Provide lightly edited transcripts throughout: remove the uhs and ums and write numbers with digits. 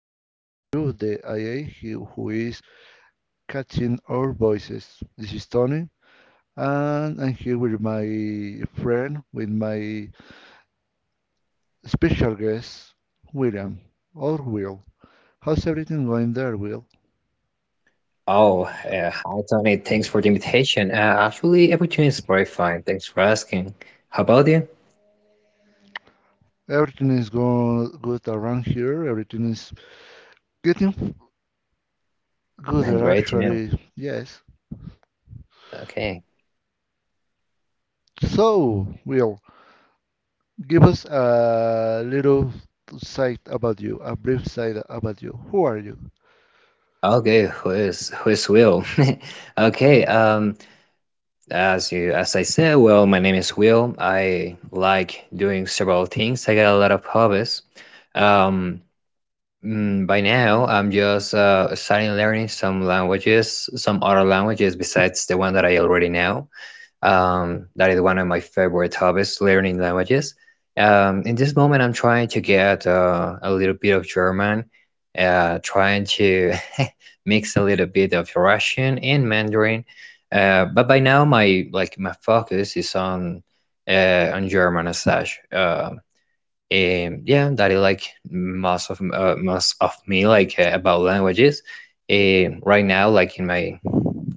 especially you, the IA, who is catching our voices. This is Tony, and I'm here with my friend, with my special guest, William, or Will. How's everything going there, Will? Oh, hi Tony. Thanks for the invitation. Actually, everything is very fine. Thanks for asking. How about you? Everything is going good around here. Everything is getting gooder, Great to know. actually. Yes. Okay. So, Will, give us a little sight about you, a brief sight about you. Who are you? Okay, who is Will? Okay, as I said, well, my name is Will. I like doing several things. I got a lot of hobbies. Um, by now, I'm just starting learning some languages, some other languages besides the one that I already know. That is one of my favorite hobbies, learning languages. In this moment, I'm trying to get a little bit of German, trying to mix a little bit of Russian and Mandarin. But by now, my focus is on German as such. And yeah, that is like most of me about languages. Right now, like in my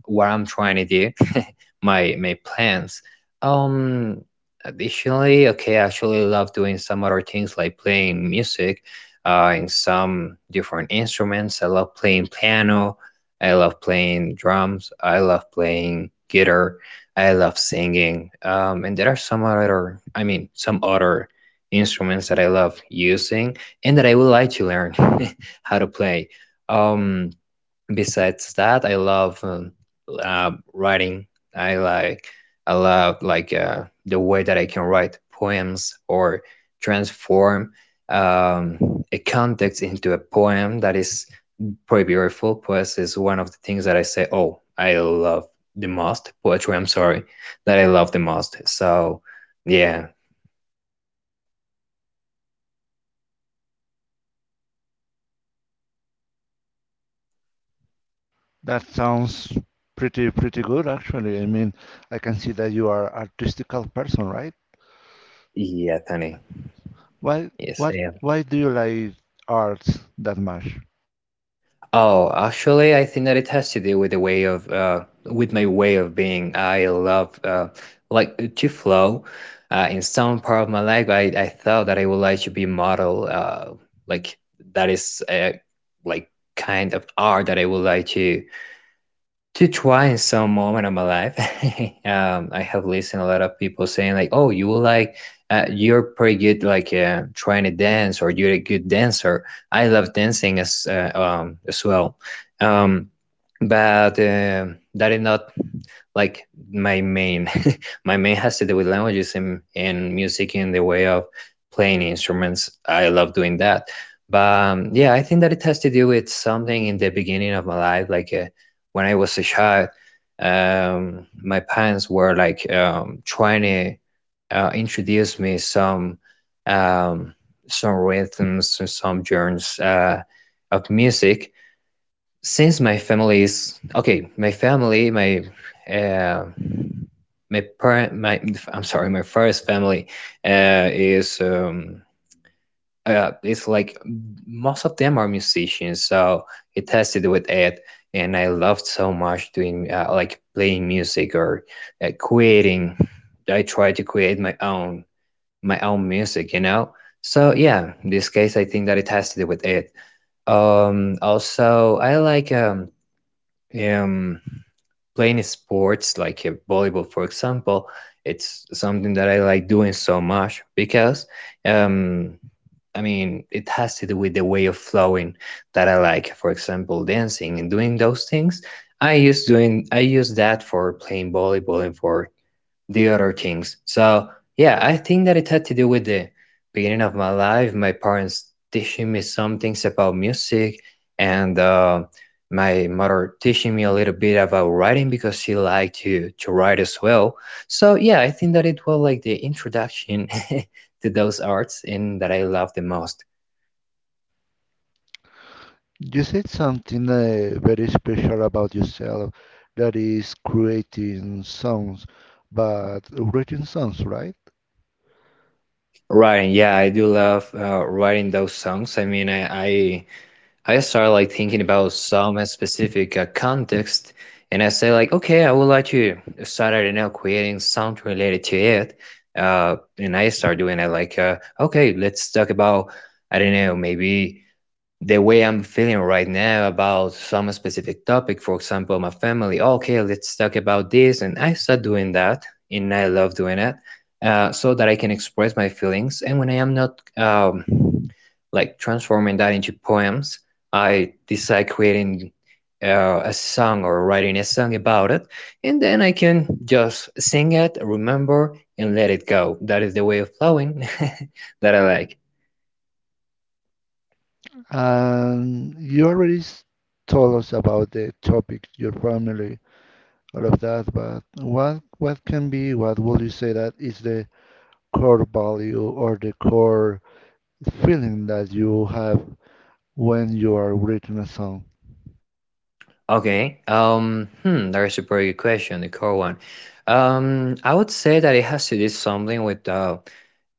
what I'm trying to do, my plans. Um, additionally, okay, I actually love doing some other things like playing music, in some different instruments. I love playing piano. I love playing drums. I love playing guitar. I love singing. And there are some other, I mean, some other instruments that I love using and that I would like to learn how to play. Um, Besides that, I love writing. I like I love the way that I can write poems or transform a context into a poem that is pretty beautiful. Poetry is one of the things that I say, oh, I love the most. Poetry, I'm sorry, that I love the most. So, yeah, That sounds pretty pretty good actually. I mean, I can see that you are artistical person, right? yeah, Tony. Why Yes, what I am. why do you like arts that much? Oh, actually, I think that it has to do with the way of with my way of being. I love like to flow. In some part of my life, I thought that I would like to be a model. Like that is like kind of art that I would like to try in some moment of my life. I have listened a lot of people saying like, "Oh, you will like, you're pretty good trying to dance, or you're a good dancer." I love dancing as well, um, but that is not like my main my main has to do with languages and music in the way of playing instruments. I love doing that, but yeah, I think that it has to do with something in the beginning of my life, when I was a child. My parents were like trying to introduce me um, some rhythms and some genres of music since my family is, okay, my family my uh, my parent my I'm sorry, my first family is it's like most of them are musicians, so it has to do with it. And I loved so much doing like playing music, or creating. I tried to create my own, music, you know. So yeah, in this case, I think that it has to do with it. Also, I like um playing sports like volleyball, for example. It's something that I like doing so much because, um, I mean, it has to do with the way of flowing that I like, for example, dancing and doing those things. I use that for playing volleyball and for the other things. So yeah, I think that it had to do with the beginning of my life, my parents teaching me some things about music, and my mother teaching me a little bit about writing because she liked to write as well. So yeah, I think that it was like the introduction to those arts and that I love the most. You said something very special about yourself that is creating songs, but writing songs, right? Writing, yeah, I do love writing those songs. I mean, I start like thinking about some specific context, and I say like, okay, I would like to start, I don't know, creating something related to it. And I start doing it like, okay, let's talk about, I don't know, maybe the way I'm feeling right now about some specific topic, for example, my family. Okay, let's talk about this, and I start doing that, and I love doing it, so that I can express my feelings. And when I am not, like transforming that into poems, I decide creating a song or writing a song about it, and then I can just sing it, remember, and let it go. That is the way of flowing that I like. And you already told us about the topic, your family, all of that, but what can be, what would you say that is the core value or the core feeling that you have when you are writing a song? Okay. Hmm, that is a very good question, the core one. I would say that it has to do something with uh,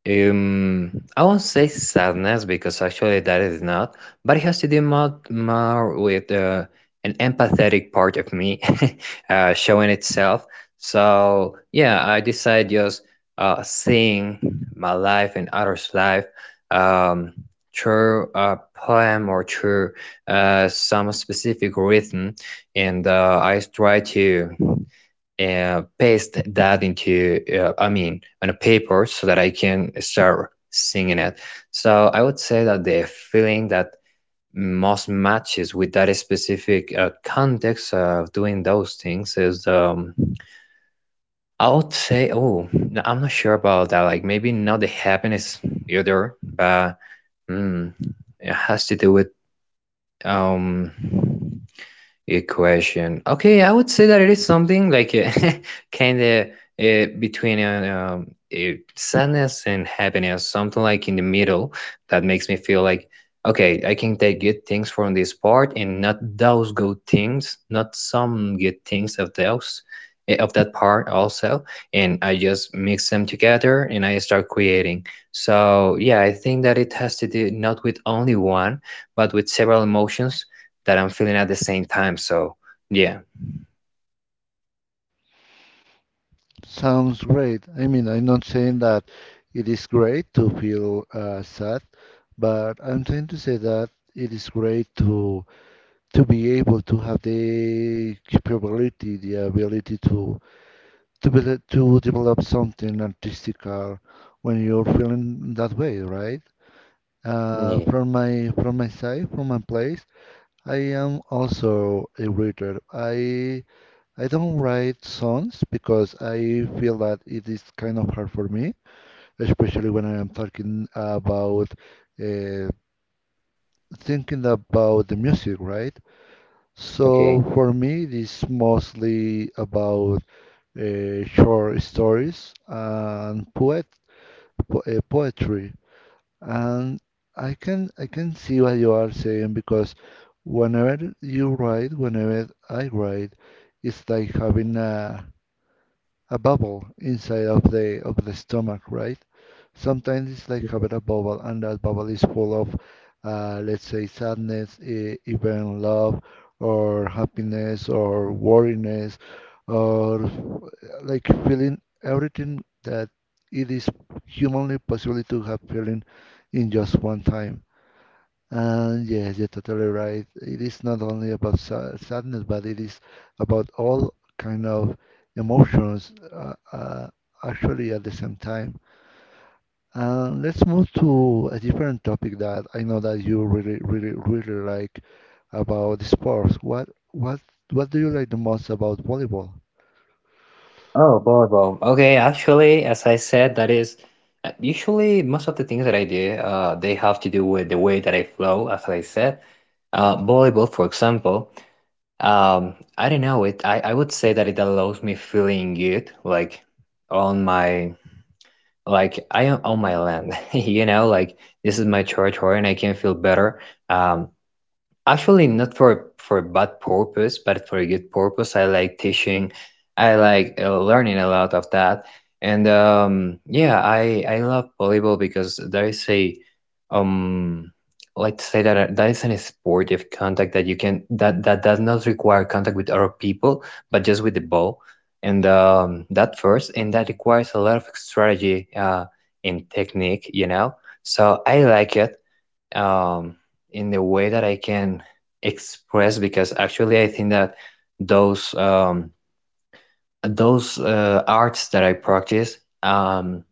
um, I won't say sadness because actually that is not, but it has to do more, more with an empathetic part of me showing itself. So yeah, I decide just seeing my life and others' life, um, through a poem or through some specific rhythm, and I try to paste that into, I mean on a paper, so that I can start singing it. So I would say that the feeling that most matches with that specific context of doing those things is, I would say, oh no, I'm not sure about that, like maybe not the happiness either, but mm, it has to do with um good question. Okay, I would say that it is something like kind of between sadness and happiness, something like in the middle that makes me feel like, okay, I can take good things from this part and not those good things, not some good things of those, eh, of that part also, and I just mix them together and I start creating. So yeah, I think that it has to do not with only one, but with several emotions that I'm feeling at the same time. So yeah, Sounds great. I mean, I'm not saying that it is great to feel sad, but I'm trying to say that it is great to be able to have the capability, the ability to be, to develop something artistical when you're feeling that way, right? Uh, yeah, from my from my side, from my place, I am also a writer. I don't write songs because I feel that it is kind of hard for me, especially when I am talking about uh, thinking about the music, right? okay. So for me, it is mostly about short stories and poetry. And I can see what you are saying because whenever you write, whenever I write, it's like having a bubble inside of the stomach, right? Sometimes it's like having a bubble and that bubble is full of let's say sadness, even love or happiness or worriness or like feeling everything that it is humanly possible to have feeling in just one time. And yes, you're totally right, it is not only about sadness, but it is about all kind of emotions, actually, at the same time. Let's move to a different topic that I know that you really, really, really like, about sports. What do you like the most about volleyball? Oh, volleyball. Okay, actually, as I said, that is usually most of the things that I do, they have to do with the way that I flow, as I said. Volleyball, for example, I don't know, it, I would say that it allows me feeling good, like on my, like I am on my land, you know, like this is my territory and I can feel better. Um, Actually, not for a bad purpose, but for a good purpose. I like teaching. I like learning a lot of that. And yeah, I love volleyball because there is a, um let's say that that is an sport of contact that you can, that does not require contact with other people, but just with the ball. And that first, and that requires a lot of strategy and technique, you know. So I like it um, in the way that I can express because actually I think that those um, those arts that I practice,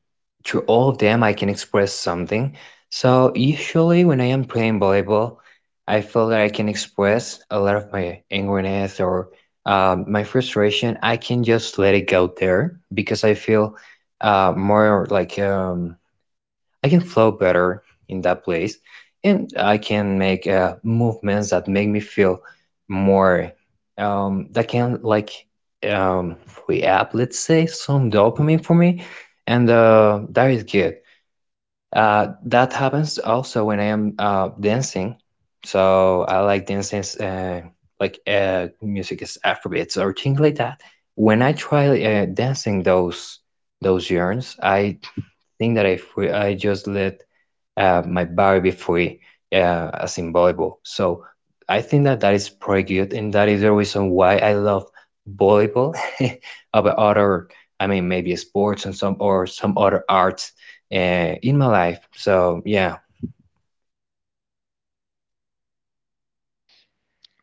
through all of them I can express something. So usually when I am playing volleyball, I feel that I can express a lot of my angriness or my frustration. I can just let it go there because I feel more like, I can flow better in that place, and I can make movements that make me feel more, that can like um, free up, let's say, some dopamine for me, and that is good. That happens also when I am dancing. So I like dancing, music is Afrobeats or things like that. When I try dancing those yarns, I think that I free, I just let might vary before it, as in volleyball. So I think that that is pretty good, and that is the reason why I love volleyball over other, I mean, maybe sports and some other arts uh, in my life. So yeah,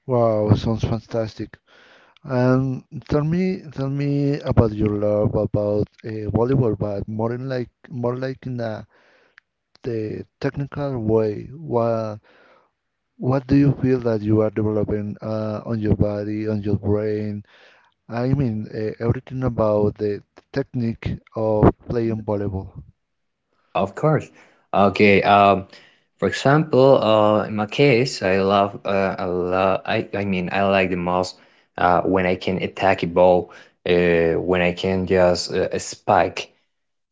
Wow, sounds fantastic. And tell me about your love about volleyball, but more in like, more like in a the technical way. What do you feel that you are developing on your body, on your brain? I mean, everything about the technique of playing volleyball. of course. Okay. For example, in my case, I mean I like the most when I can attack a ball, when I can just spike.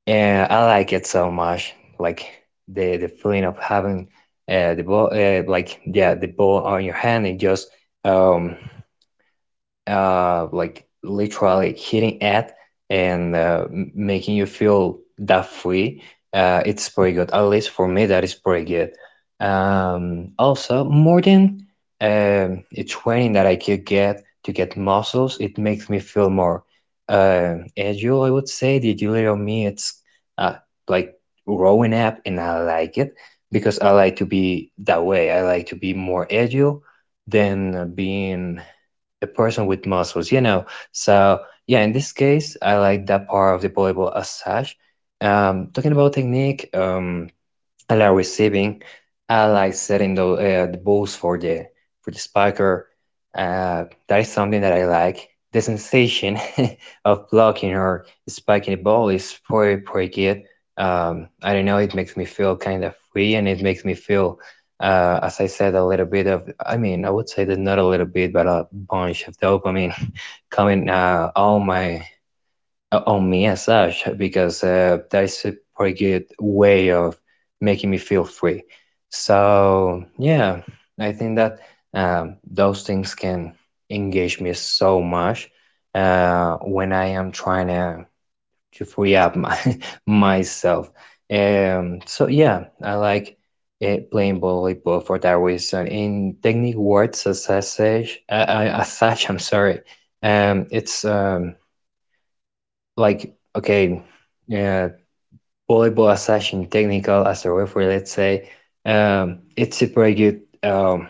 Yeah, I like it so much. Like the feeling of having the ball, like yeah, the ball on your hand and just um like literally hitting it and making you feel that free, it's pretty good. At least for me, that is pretty good. Also, more than a training that I could get to get muscles, it makes me feel more agile. I would say the agility of me, it's uh, like growing up, and I like it because I like to be that way. I like to be more agile than being the person with muscles, you know. So yeah, in this case, I like that part of the volleyball as such. Talking about technique, I like receiving allies setting the balls for the spiker. That is something that I like. The sensation of blocking or spiking the ball is pretty good. I don't know. It makes me feel kind of free, and it makes me feel, as I said, a little bit of. I mean, I would say that not a little bit, but a bunch of dopamine coming all my on me as such because that is a pretty good way of making me feel free. So yeah, I think that those things can engage me so much when I am trying to free up my myself. So yeah, I like playing volleyball for that reason. In technique words, as I say, as such, I'm sorry. Um, it's um, like okay, uh, Volleyball as such in technical as a referee, let's say, it's a pretty good um,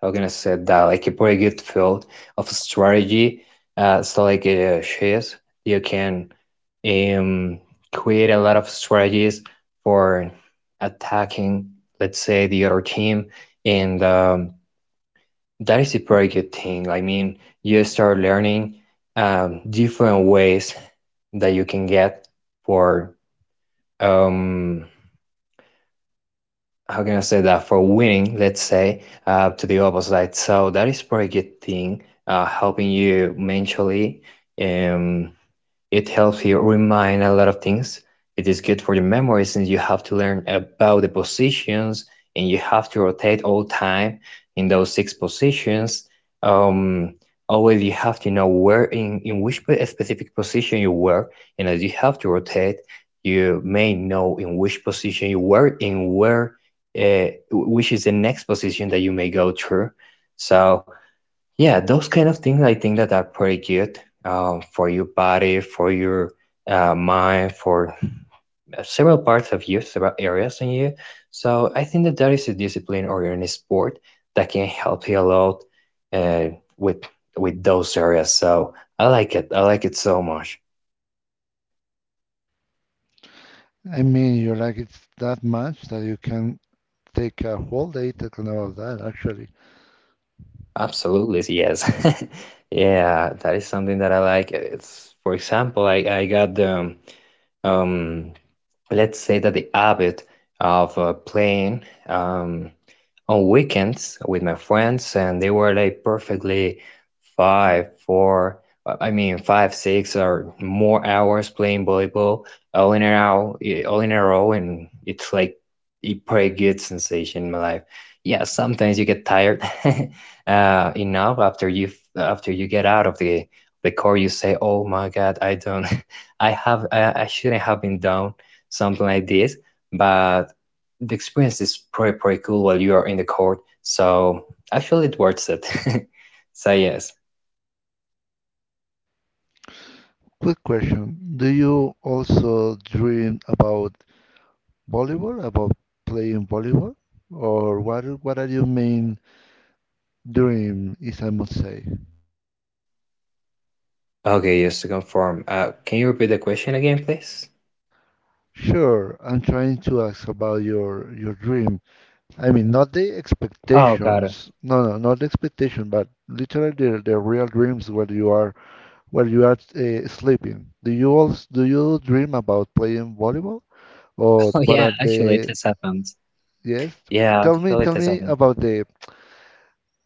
how can I say that, like a pretty good field of strategy. So like chess, you can um, create a lot of strategies for attacking, let's say, the other team, and that is a pretty good thing. I mean, you start learning different ways that you can get for um how can I say that, for winning, let's say, to the opposite. So that is pretty good thing, helping you mentally, um, it helps you remind a lot of things. It is good for your memory since you have to learn about the positions and you have to rotate all time in those six positions. Um, always you have to know where in which specific position you were, and as you have to rotate, you may know in which position you were and where which is the next position that you may go through. So yeah, those kind of things I think that are pretty good for your body, for your mind, for several parts of you, several areas in you. So I think that that is a discipline or in a sport that can help you a lot uh, with with those areas. So I like it. I like it so much. I mean, you like it that much that you can take a whole day talking about that, actually. Absolutely, yes. Yeah, that is something that I like. It's for example, I got the um let's say that the habit of playing um, on weekends with my friends, and they were like perfectly five, four, I mean five, six or more hours playing volleyball all in a row, eh, all in a row, and it's like a pretty good sensation in my life. Yeah, sometimes you get tired enough after you get out of the court, you say, "Oh my God, I don't, I have, I shouldn't have been down something like this." But the experience is pretty cool while you are in the court. So actually, it worth it. So yes. Quick question. Do you also dream about volleyball, about playing volleyball? Or what are your main dream, if I must say? Okay, just to confirm, can you repeat the question again, please? Sure, I'm trying to ask about your dream. I mean, not the Oh, got it. expectations. No, no, not the expectation, but literally the real dreams where you are sleeping. Do you dream about playing volleyball, or Oh what yeah, are actually, it the? has happened. Yes, Yeah, tell me, actually, it tell has me happened. about the.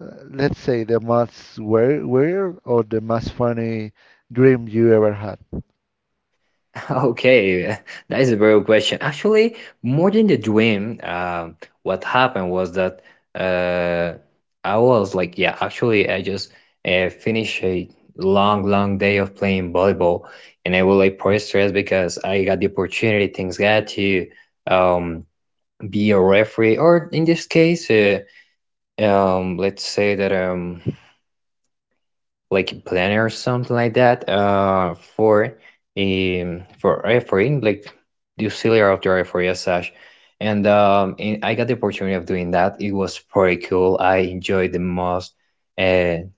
Let's say the most weird or the most funny dream you ever had. Okay, that is a very good question. Actually, more than the dream, what happened was that uh, I was like, yeah, actually, I just finished a long, long day of playing volleyball, and I was like pretty stressed because I got the opportunity, things got to um, be a referee, or in this case, let's say that like planner or something like that for refereeing like the auxiliary of the referee as such, and I got the opportunity of doing that. It was pretty cool, I enjoyed the most, and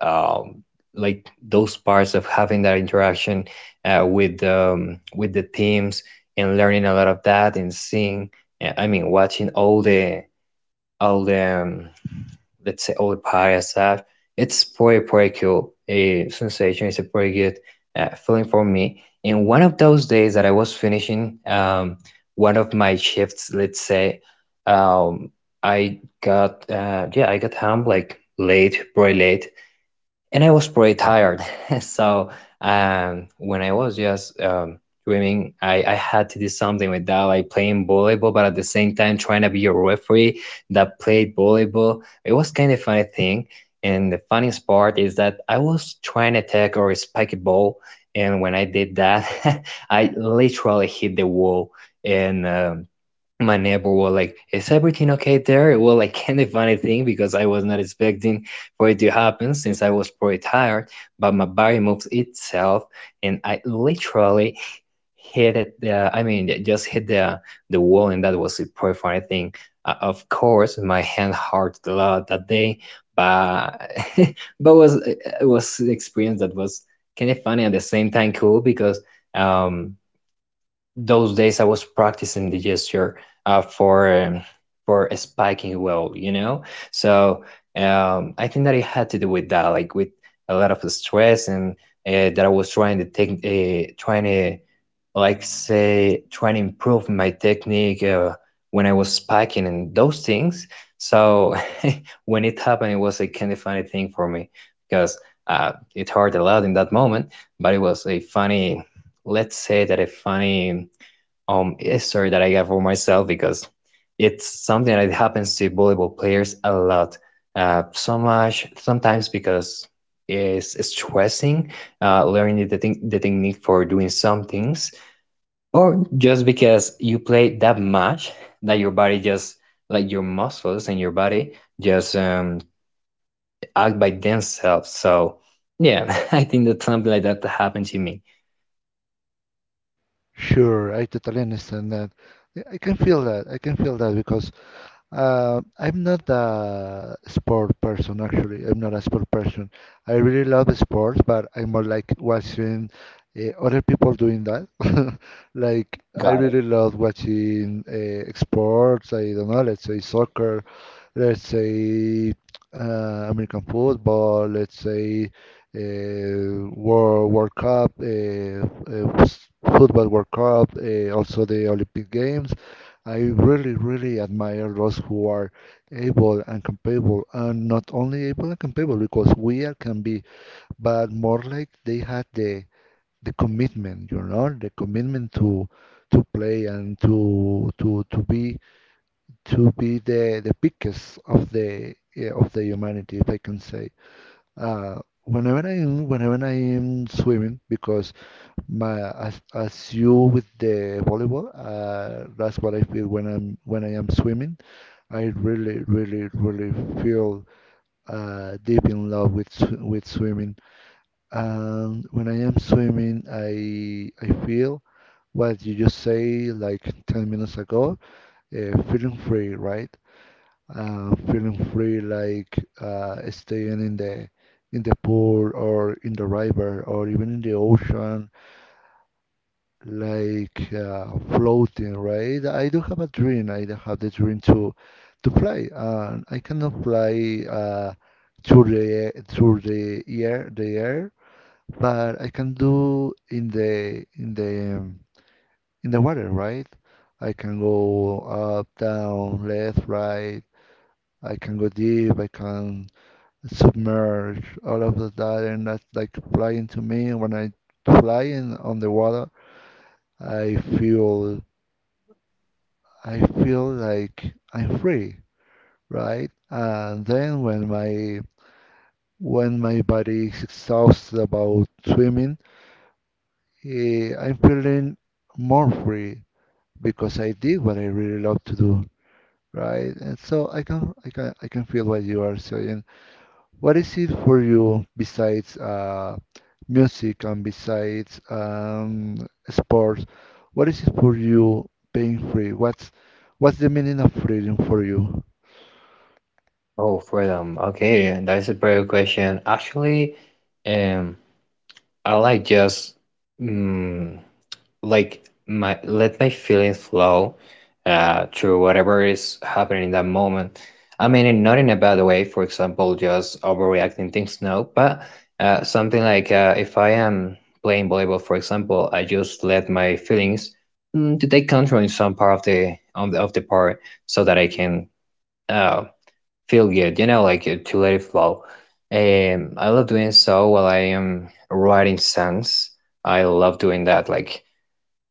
um like those parts of having that interaction with the teams, and learning a lot of that and seeing watching all the all the um, let's say all the parties. It's pretty pretty cool a sensation. It's a pretty good feeling for me. And one of those days that I was finishing one of my shifts, let's say, um, I got yeah, I got home like late, pretty late, and I was pretty tired. So when I was just dreaming, I had to do something with that, like playing volleyball, but at the same time trying to be a referee that played volleyball. It was kind of a funny thing. And the funniest part is that I was trying to take or spike a ball, and when I did that, I literally hit the wall and my neighbor was like, "Is everything okay there?" Well, like, kind of funny thing because I was not expecting for it to happen since I was pretty tired. But my body moves itself, and I literally hit it. Just hit the wall, and that was a pretty funny thing. Of course, my hand hurt a lot that day, but but was it was an experience that was kind of funny, at the same time cool, because um those days I was practicing the gesture uh, for um, for a spiking well, you know. So I think that it had to do with that, like with a lot of stress, and that I was trying trying to trying to improve my technique when I was spiking and those things. So when it happened, it was a kind of funny thing for me, because it hurt a lot in that moment, but it was a funny, let's say that a funny a story that I got for myself, because it's something that happens to volleyball players a lot. So much sometimes because it's stressing, learning the thing, the technique for doing some things, or just because you play that much that your body just, like your muscles and your body, just act by themselves. So yeah, I think that something like that happened to me. Sure, I totally understand that. I can feel that. I can feel that because I'm not a sport person, actually. I'm not a sport person. I really love sports, but I'm more like watching other people doing that. Like, I really love watching sports. I don't know, let's say soccer, let's say American football, let's say uh, World Cup, Football World Cup, also the Olympic Games. I really, really admire those who are able and capable, and not only able and capable because we are can be, but more like they had the commitment, you know, the commitment to play and to be to be the biggest of the yeah, of the humanity, if I can say. Whenever I am swimming, because my as you with the volleyball, that's what I feel when I'm when I am swimming. I really, really, really feel deep in love with with swimming. And when I am swimming, I feel what you just say like 10 minutes ago, feeling free, right? Feeling free, like staying in the pool or in the river or even in the ocean like floating, right? I do have a dream. I do have the dream to play. And I cannot play through the air, but I can do in the in the in the water, right? I can go up, down, left, right. I can go deep. I can submerge. All of that, and that's like flying to me. When I flying on the water, I feel. I feel like I'm free, right? And then when my body is exhausted about swimming, I'm feeling more free because I did what I really love to do, right? And so I can feel what you are saying. What is it for you besides music and besides sports? What is it for you being free? What's the meaning of freedom for you? Oh, freedom. Okay, and that's a very good question. Actually, um, I like just mm, like my let my feelings flow through whatever is happening in that moment. I mean, not in a bad way. For example, just overreacting things. No, but something like if I am playing volleyball, for example, I just let my feelings to take control in some part of the on the of the part so that I can uh feel good, you know, like to let it flow. I love doing so while I am writing songs. I love doing that, like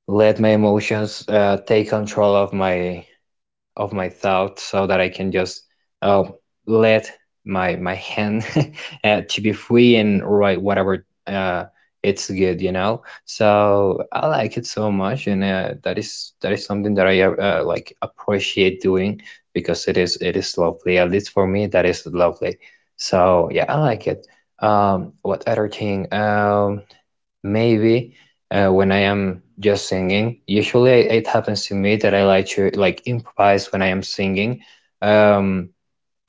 let my emotions take control of my thoughts, so that I can just uh, let my hand to be free and write whatever it's good, you know. So I like it so much, and that is something that I like appreciate doing, because it is lovely. At least for me, that is lovely. So yeah, I like it. What other thing? Maybe when I am just singing, usually it happens to me that I like to like improvise when I am singing. Um,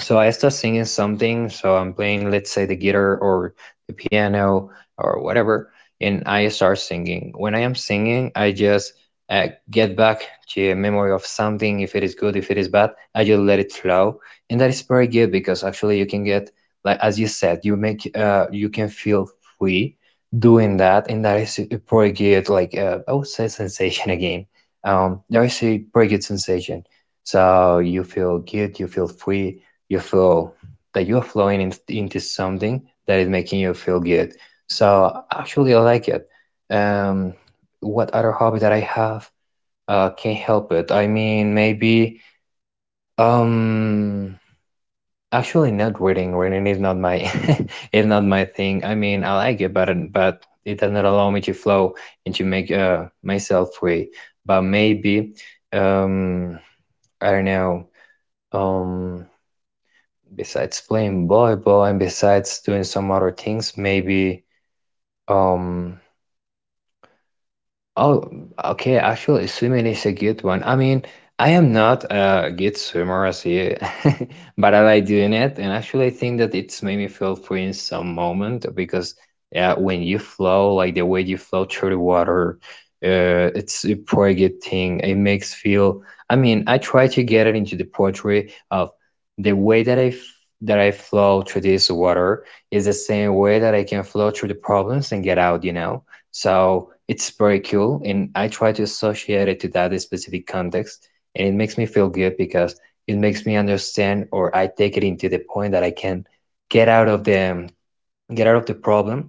so I start singing something. So I'm playing, let's say, the guitar or the piano or whatever, and I start singing. When I am singing, I just get back to a memory of something. If it is good, if it is bad, I just let it flow, and that is very good because actually you can get, like as you said, you can feel free doing that, and that is pretty good. Like I would say, sensation again. There is a pretty good sensation. So you feel good, you feel free, you feel that you are flowing in, into something that is making you feel good. So actually, I like it. Um, what other hobby that I have? Can't help it. I mean, maybe um, actually, not reading. Reading is not my is not my thing. I mean, I like it, but it does not allow me to flow and to make myself free. But maybe um, I don't know. Um, Besides playing volleyball and besides doing some other things, maybe um, oh, okay. Actually, swimming is a good one. I mean, I am not a good swimmer as you, but I like doing it. And actually, I think that it's made me feel free in some moment because yeah, when you flow, like the way you flow through the water, it's a pretty good thing. It makes feel. I mean, I try to get it into the poetry of the way that that I flow through this water is the same way that I can flow through the problems and get out. So, it's very cool, and I try to associate it to that specific context, and it makes me feel good because it makes me understand, or I take it into the point that I can get out of the get out of the problem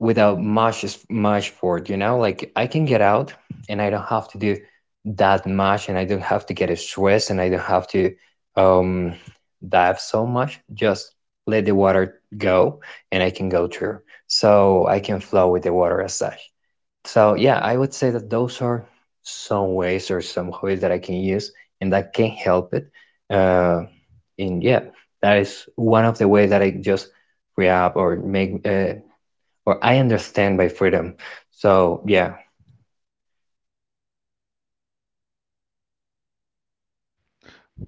without much effort. You know, like I can get out, and I don't have to do that much, and I don't have to get stressed, and I don't have to um, dive so much. Just let the water go, and I can go through, so I can flow with the water as such. So yeah, I would say that those are some ways or some hobbies that I can use and that can help it. Uh, and yeah, that is one of the ways that I just free up or make or I understand by freedom. So yeah,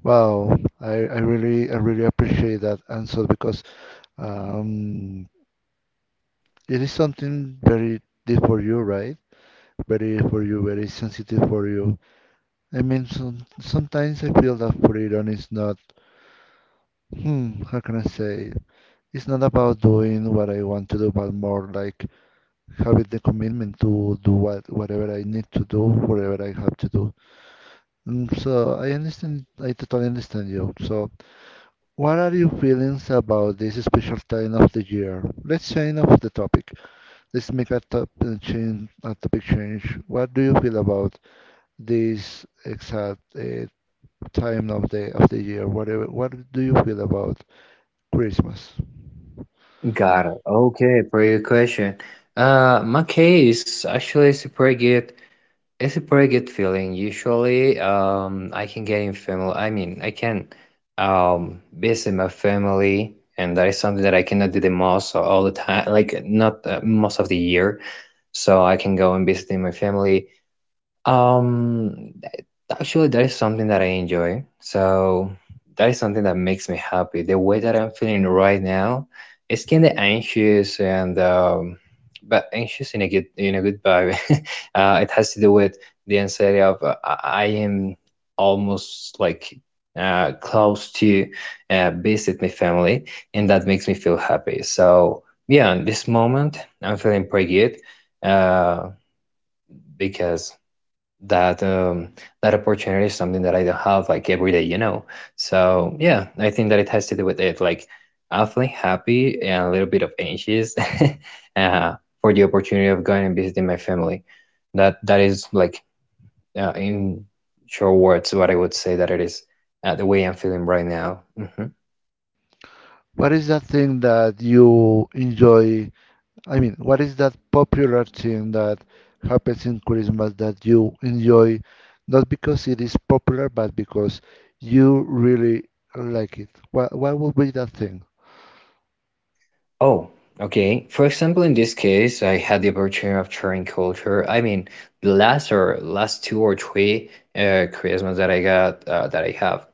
Wow, I really I really appreciate that answer because um, it is something very deep for you, right? Very for you, very sensitive for you. I mean, sometimes I feel that freedom is not, hmm, how can I say? It's not about doing what I want to do, but more like having the commitment to do what whatever I need to do, whatever I have to do. Mm, so I understand, I totally understand you. So. What are your feelings about this special time of the year? Let's change of the topic. Let's make a top change, a topic change. What do you feel about this exact time of the year? Whatever, what do you feel about Christmas? got it. Okay, pretty good question. My case actually is pretty good. It's a pretty good feeling. Usually, I can get in family. I mean, I can visit my family, and that is something that I cannot do the most or all the time, like not most of the year. So I can go and visit my family. Um, Actually, that is something that I enjoy. So that is something that makes me happy. The way that I'm feeling right now is kind of anxious and but anxious in a good vibe. It has to do with the anxiety of uh, I am almost like close to visit my family, and that makes me feel happy. So yeah, in this moment, I'm feeling pretty good uh, because that um, that opportunity is something that I don't have like every day, you know. So yeah, I think that it has to do with it, like awfully happy and a little bit of anxious uh, for the opportunity of going and visiting my family. That is like in short words what I would say that it is the way I'm feeling right now. Hmm What is that thing that you enjoy I mean, what is that popular thing that happens in Christmas that you enjoy, not because it is popular, but because you really like it? What would be that thing? Oh, okay. For example, in this case, I had the opportunity of sharing culture. I mean, the last or last two or three Christmas that I got that I have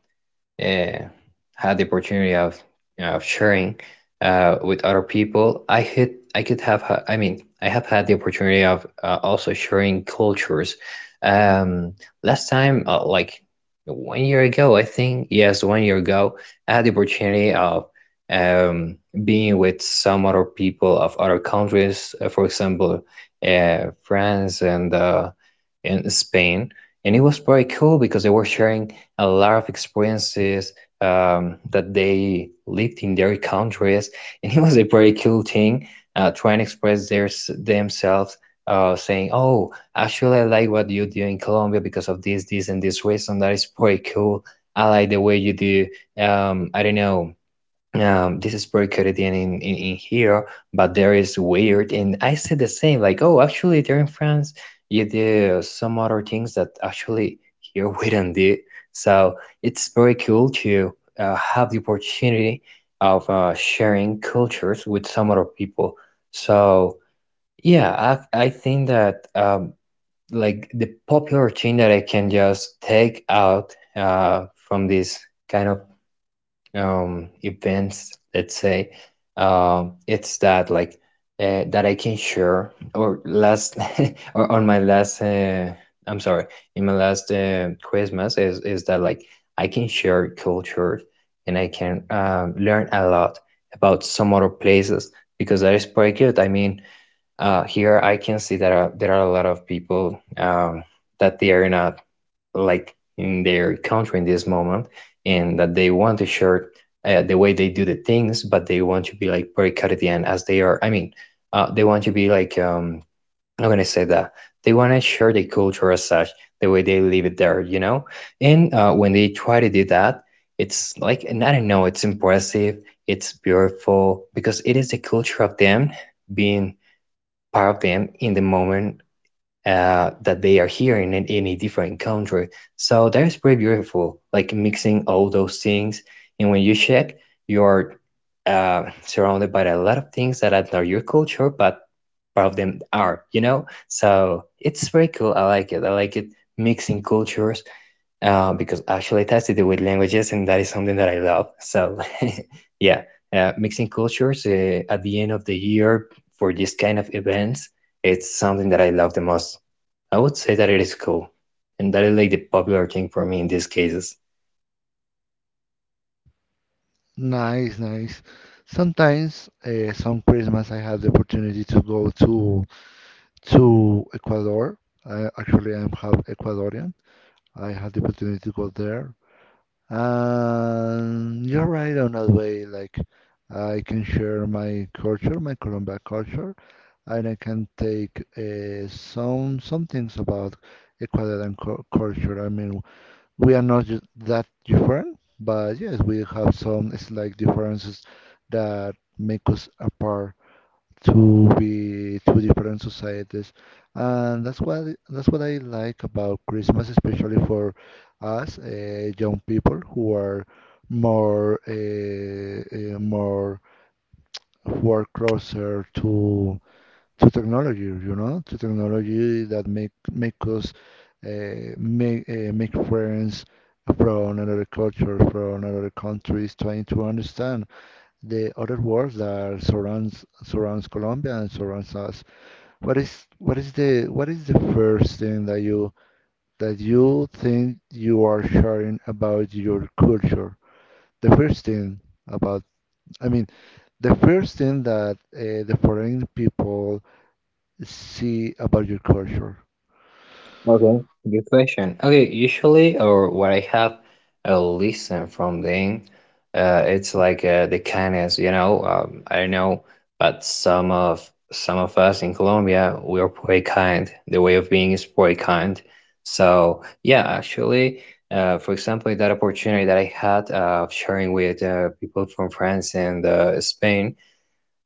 uh, had the opportunity of you know, of sharing with other people, I mean I have had the opportunity of also sharing cultures. Um, last time, like 1 year ago, I think yes, 1 year ago, I had the opportunity of um, being with some other people of other countries, for example, France and in Spain, and it was very cool because they were sharing a lot of experiences that they lived in their countries, and it was a very cool thing trying to express their themselves. Saying, "Oh, actually, I like what you do in Colombia because of this, this, and this reason. That is pretty cool. I like the way you do. I don't know this is pretty Caribbean in here, but there is weird. And I said the same, like, oh, actually, there in France, you do some other things that actually here we don't do. So it's very cool to have the opportunity of sharing cultures with some other people. So yeah, I think that like the popular thing that I can just take out from this kind of events, let's say, it's that like that I can share or last or on my last I'm sorry, in my last Christmas is that like I can share culture and I can learn a lot about some other places because that is pretty good. I mean here I can see that there are a lot of people that they are not like in their country in this moment and that they want to share the way they do the things, but they want to be like very Caribbean as they are. I mean they want to be like I'm not gonna say that, they want to share the culture as such, the way they live it there, you know, and when they try to do that, it's like, and I don't know, it's impressive, it's beautiful because it is the culture of them being part of them in the moment that they are here in any different country. So that is pretty beautiful, like mixing all those things. And when you check, you're surrounded by a lot of things that are not your culture, but part of them are, you know? So it's very cool. I like it. I like it mixing cultures because actually it has to do with languages, and that is something that I love. So, yeah, mixing cultures at the end of the year for this kind of events, it's something that I love the most. I would say that it is cool, and that is like the popular thing for me in these cases. Nice, nice. Sometimes, some Christmas, I have the opportunity to go to Ecuador. I actually am half Ecuadorian. I had the opportunity to go there. You're right on that way. Like, I can share my culture, my Colombia culture, and I can take some things about Ecuadorian culture. I mean, we are not that different, but yes, we have some slight differences that make us apart to be two different societies, and that's what I like about Christmas, especially for us young people who are more more who are closer to technology, you know, to technology that make make us make friends from another culture, from another countries, trying to understand the other world that surrounds surrounds Colombia and surrounds us. What is the first thing that you think you are sharing about your culture? The first thing about I mean the first thing that the foreign people see about your culture. Okay, good question. Okay, usually or what I have a listen from them, it's like the kindness, you know. I don't know, but some of us in Colombia, we are pretty kind. The way of being is pretty kind. So yeah, actually, for example, that opportunity that I had of sharing with people from France and Spain,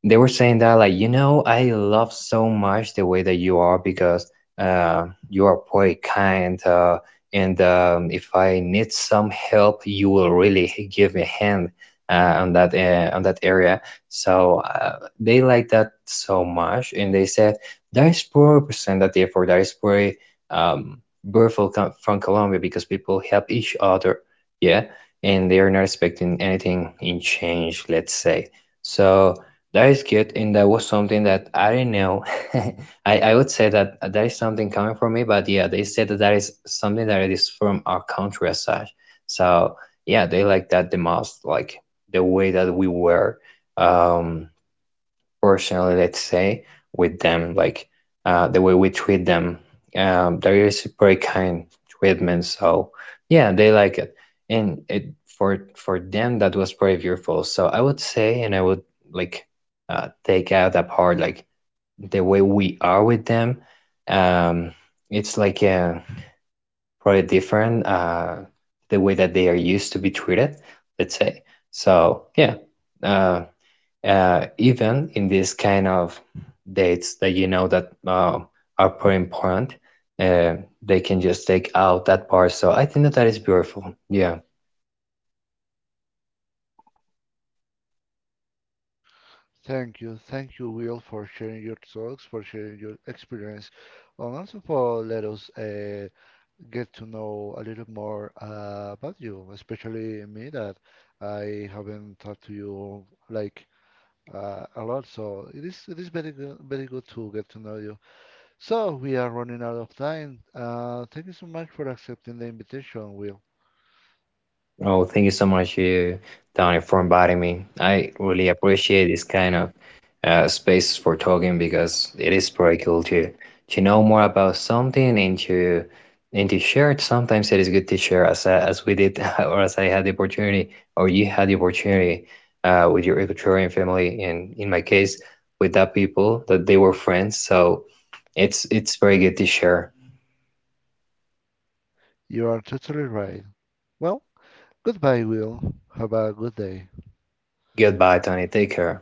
they were saying that, like, you know, I love so much the way that you are because you are very kind and if I need some help, you will really give me a hand on that area. So they like that so much, and they said that is poor representative, or that is very um, beautiful from Colombia, because people help each other, yeah, and they are not expecting anything in change, let's say. So that is good, and that was something that I didn't know. I would say that that is something coming from me, but yeah, they said that that is something that is from our country as such. So yeah, they like that the most, like the way that we were. Um, personally, let's say, with them, like the way we treat them. There is very kind treatment, so yeah, they like it, and it for them that was very beautiful. So I would say, and I would like take out that part, like the way we are with them. Um, it's like a probably different the way that they are used to be treated, let's say. So yeah. Uh, even in these kind of dates that, you know, that are pretty important, uh, they can just take out that part. So I think that that is beautiful. Yeah. Thank you, Will, for sharing your thoughts, for sharing your experience, and also for let us get to know a little more about you, especially me that I haven't talked to you like. A lot. So it is very good, very good to get to know you. So we are running out of time. Thank you so much for accepting the invitation, Will. Oh, thank you so much, you, Tony, for inviting me. I really appreciate this kind of space for talking because it is pretty cool to know more about something and to share it. Sometimes it is good to share as as we did or as I had the opportunity or you had the opportunity with your Ecuadorian family, and in my case with that people that they were friends. So it's very good to share. You are totally right. Well, goodbye, Will. Have a good day. Goodbye, Tony. Take care.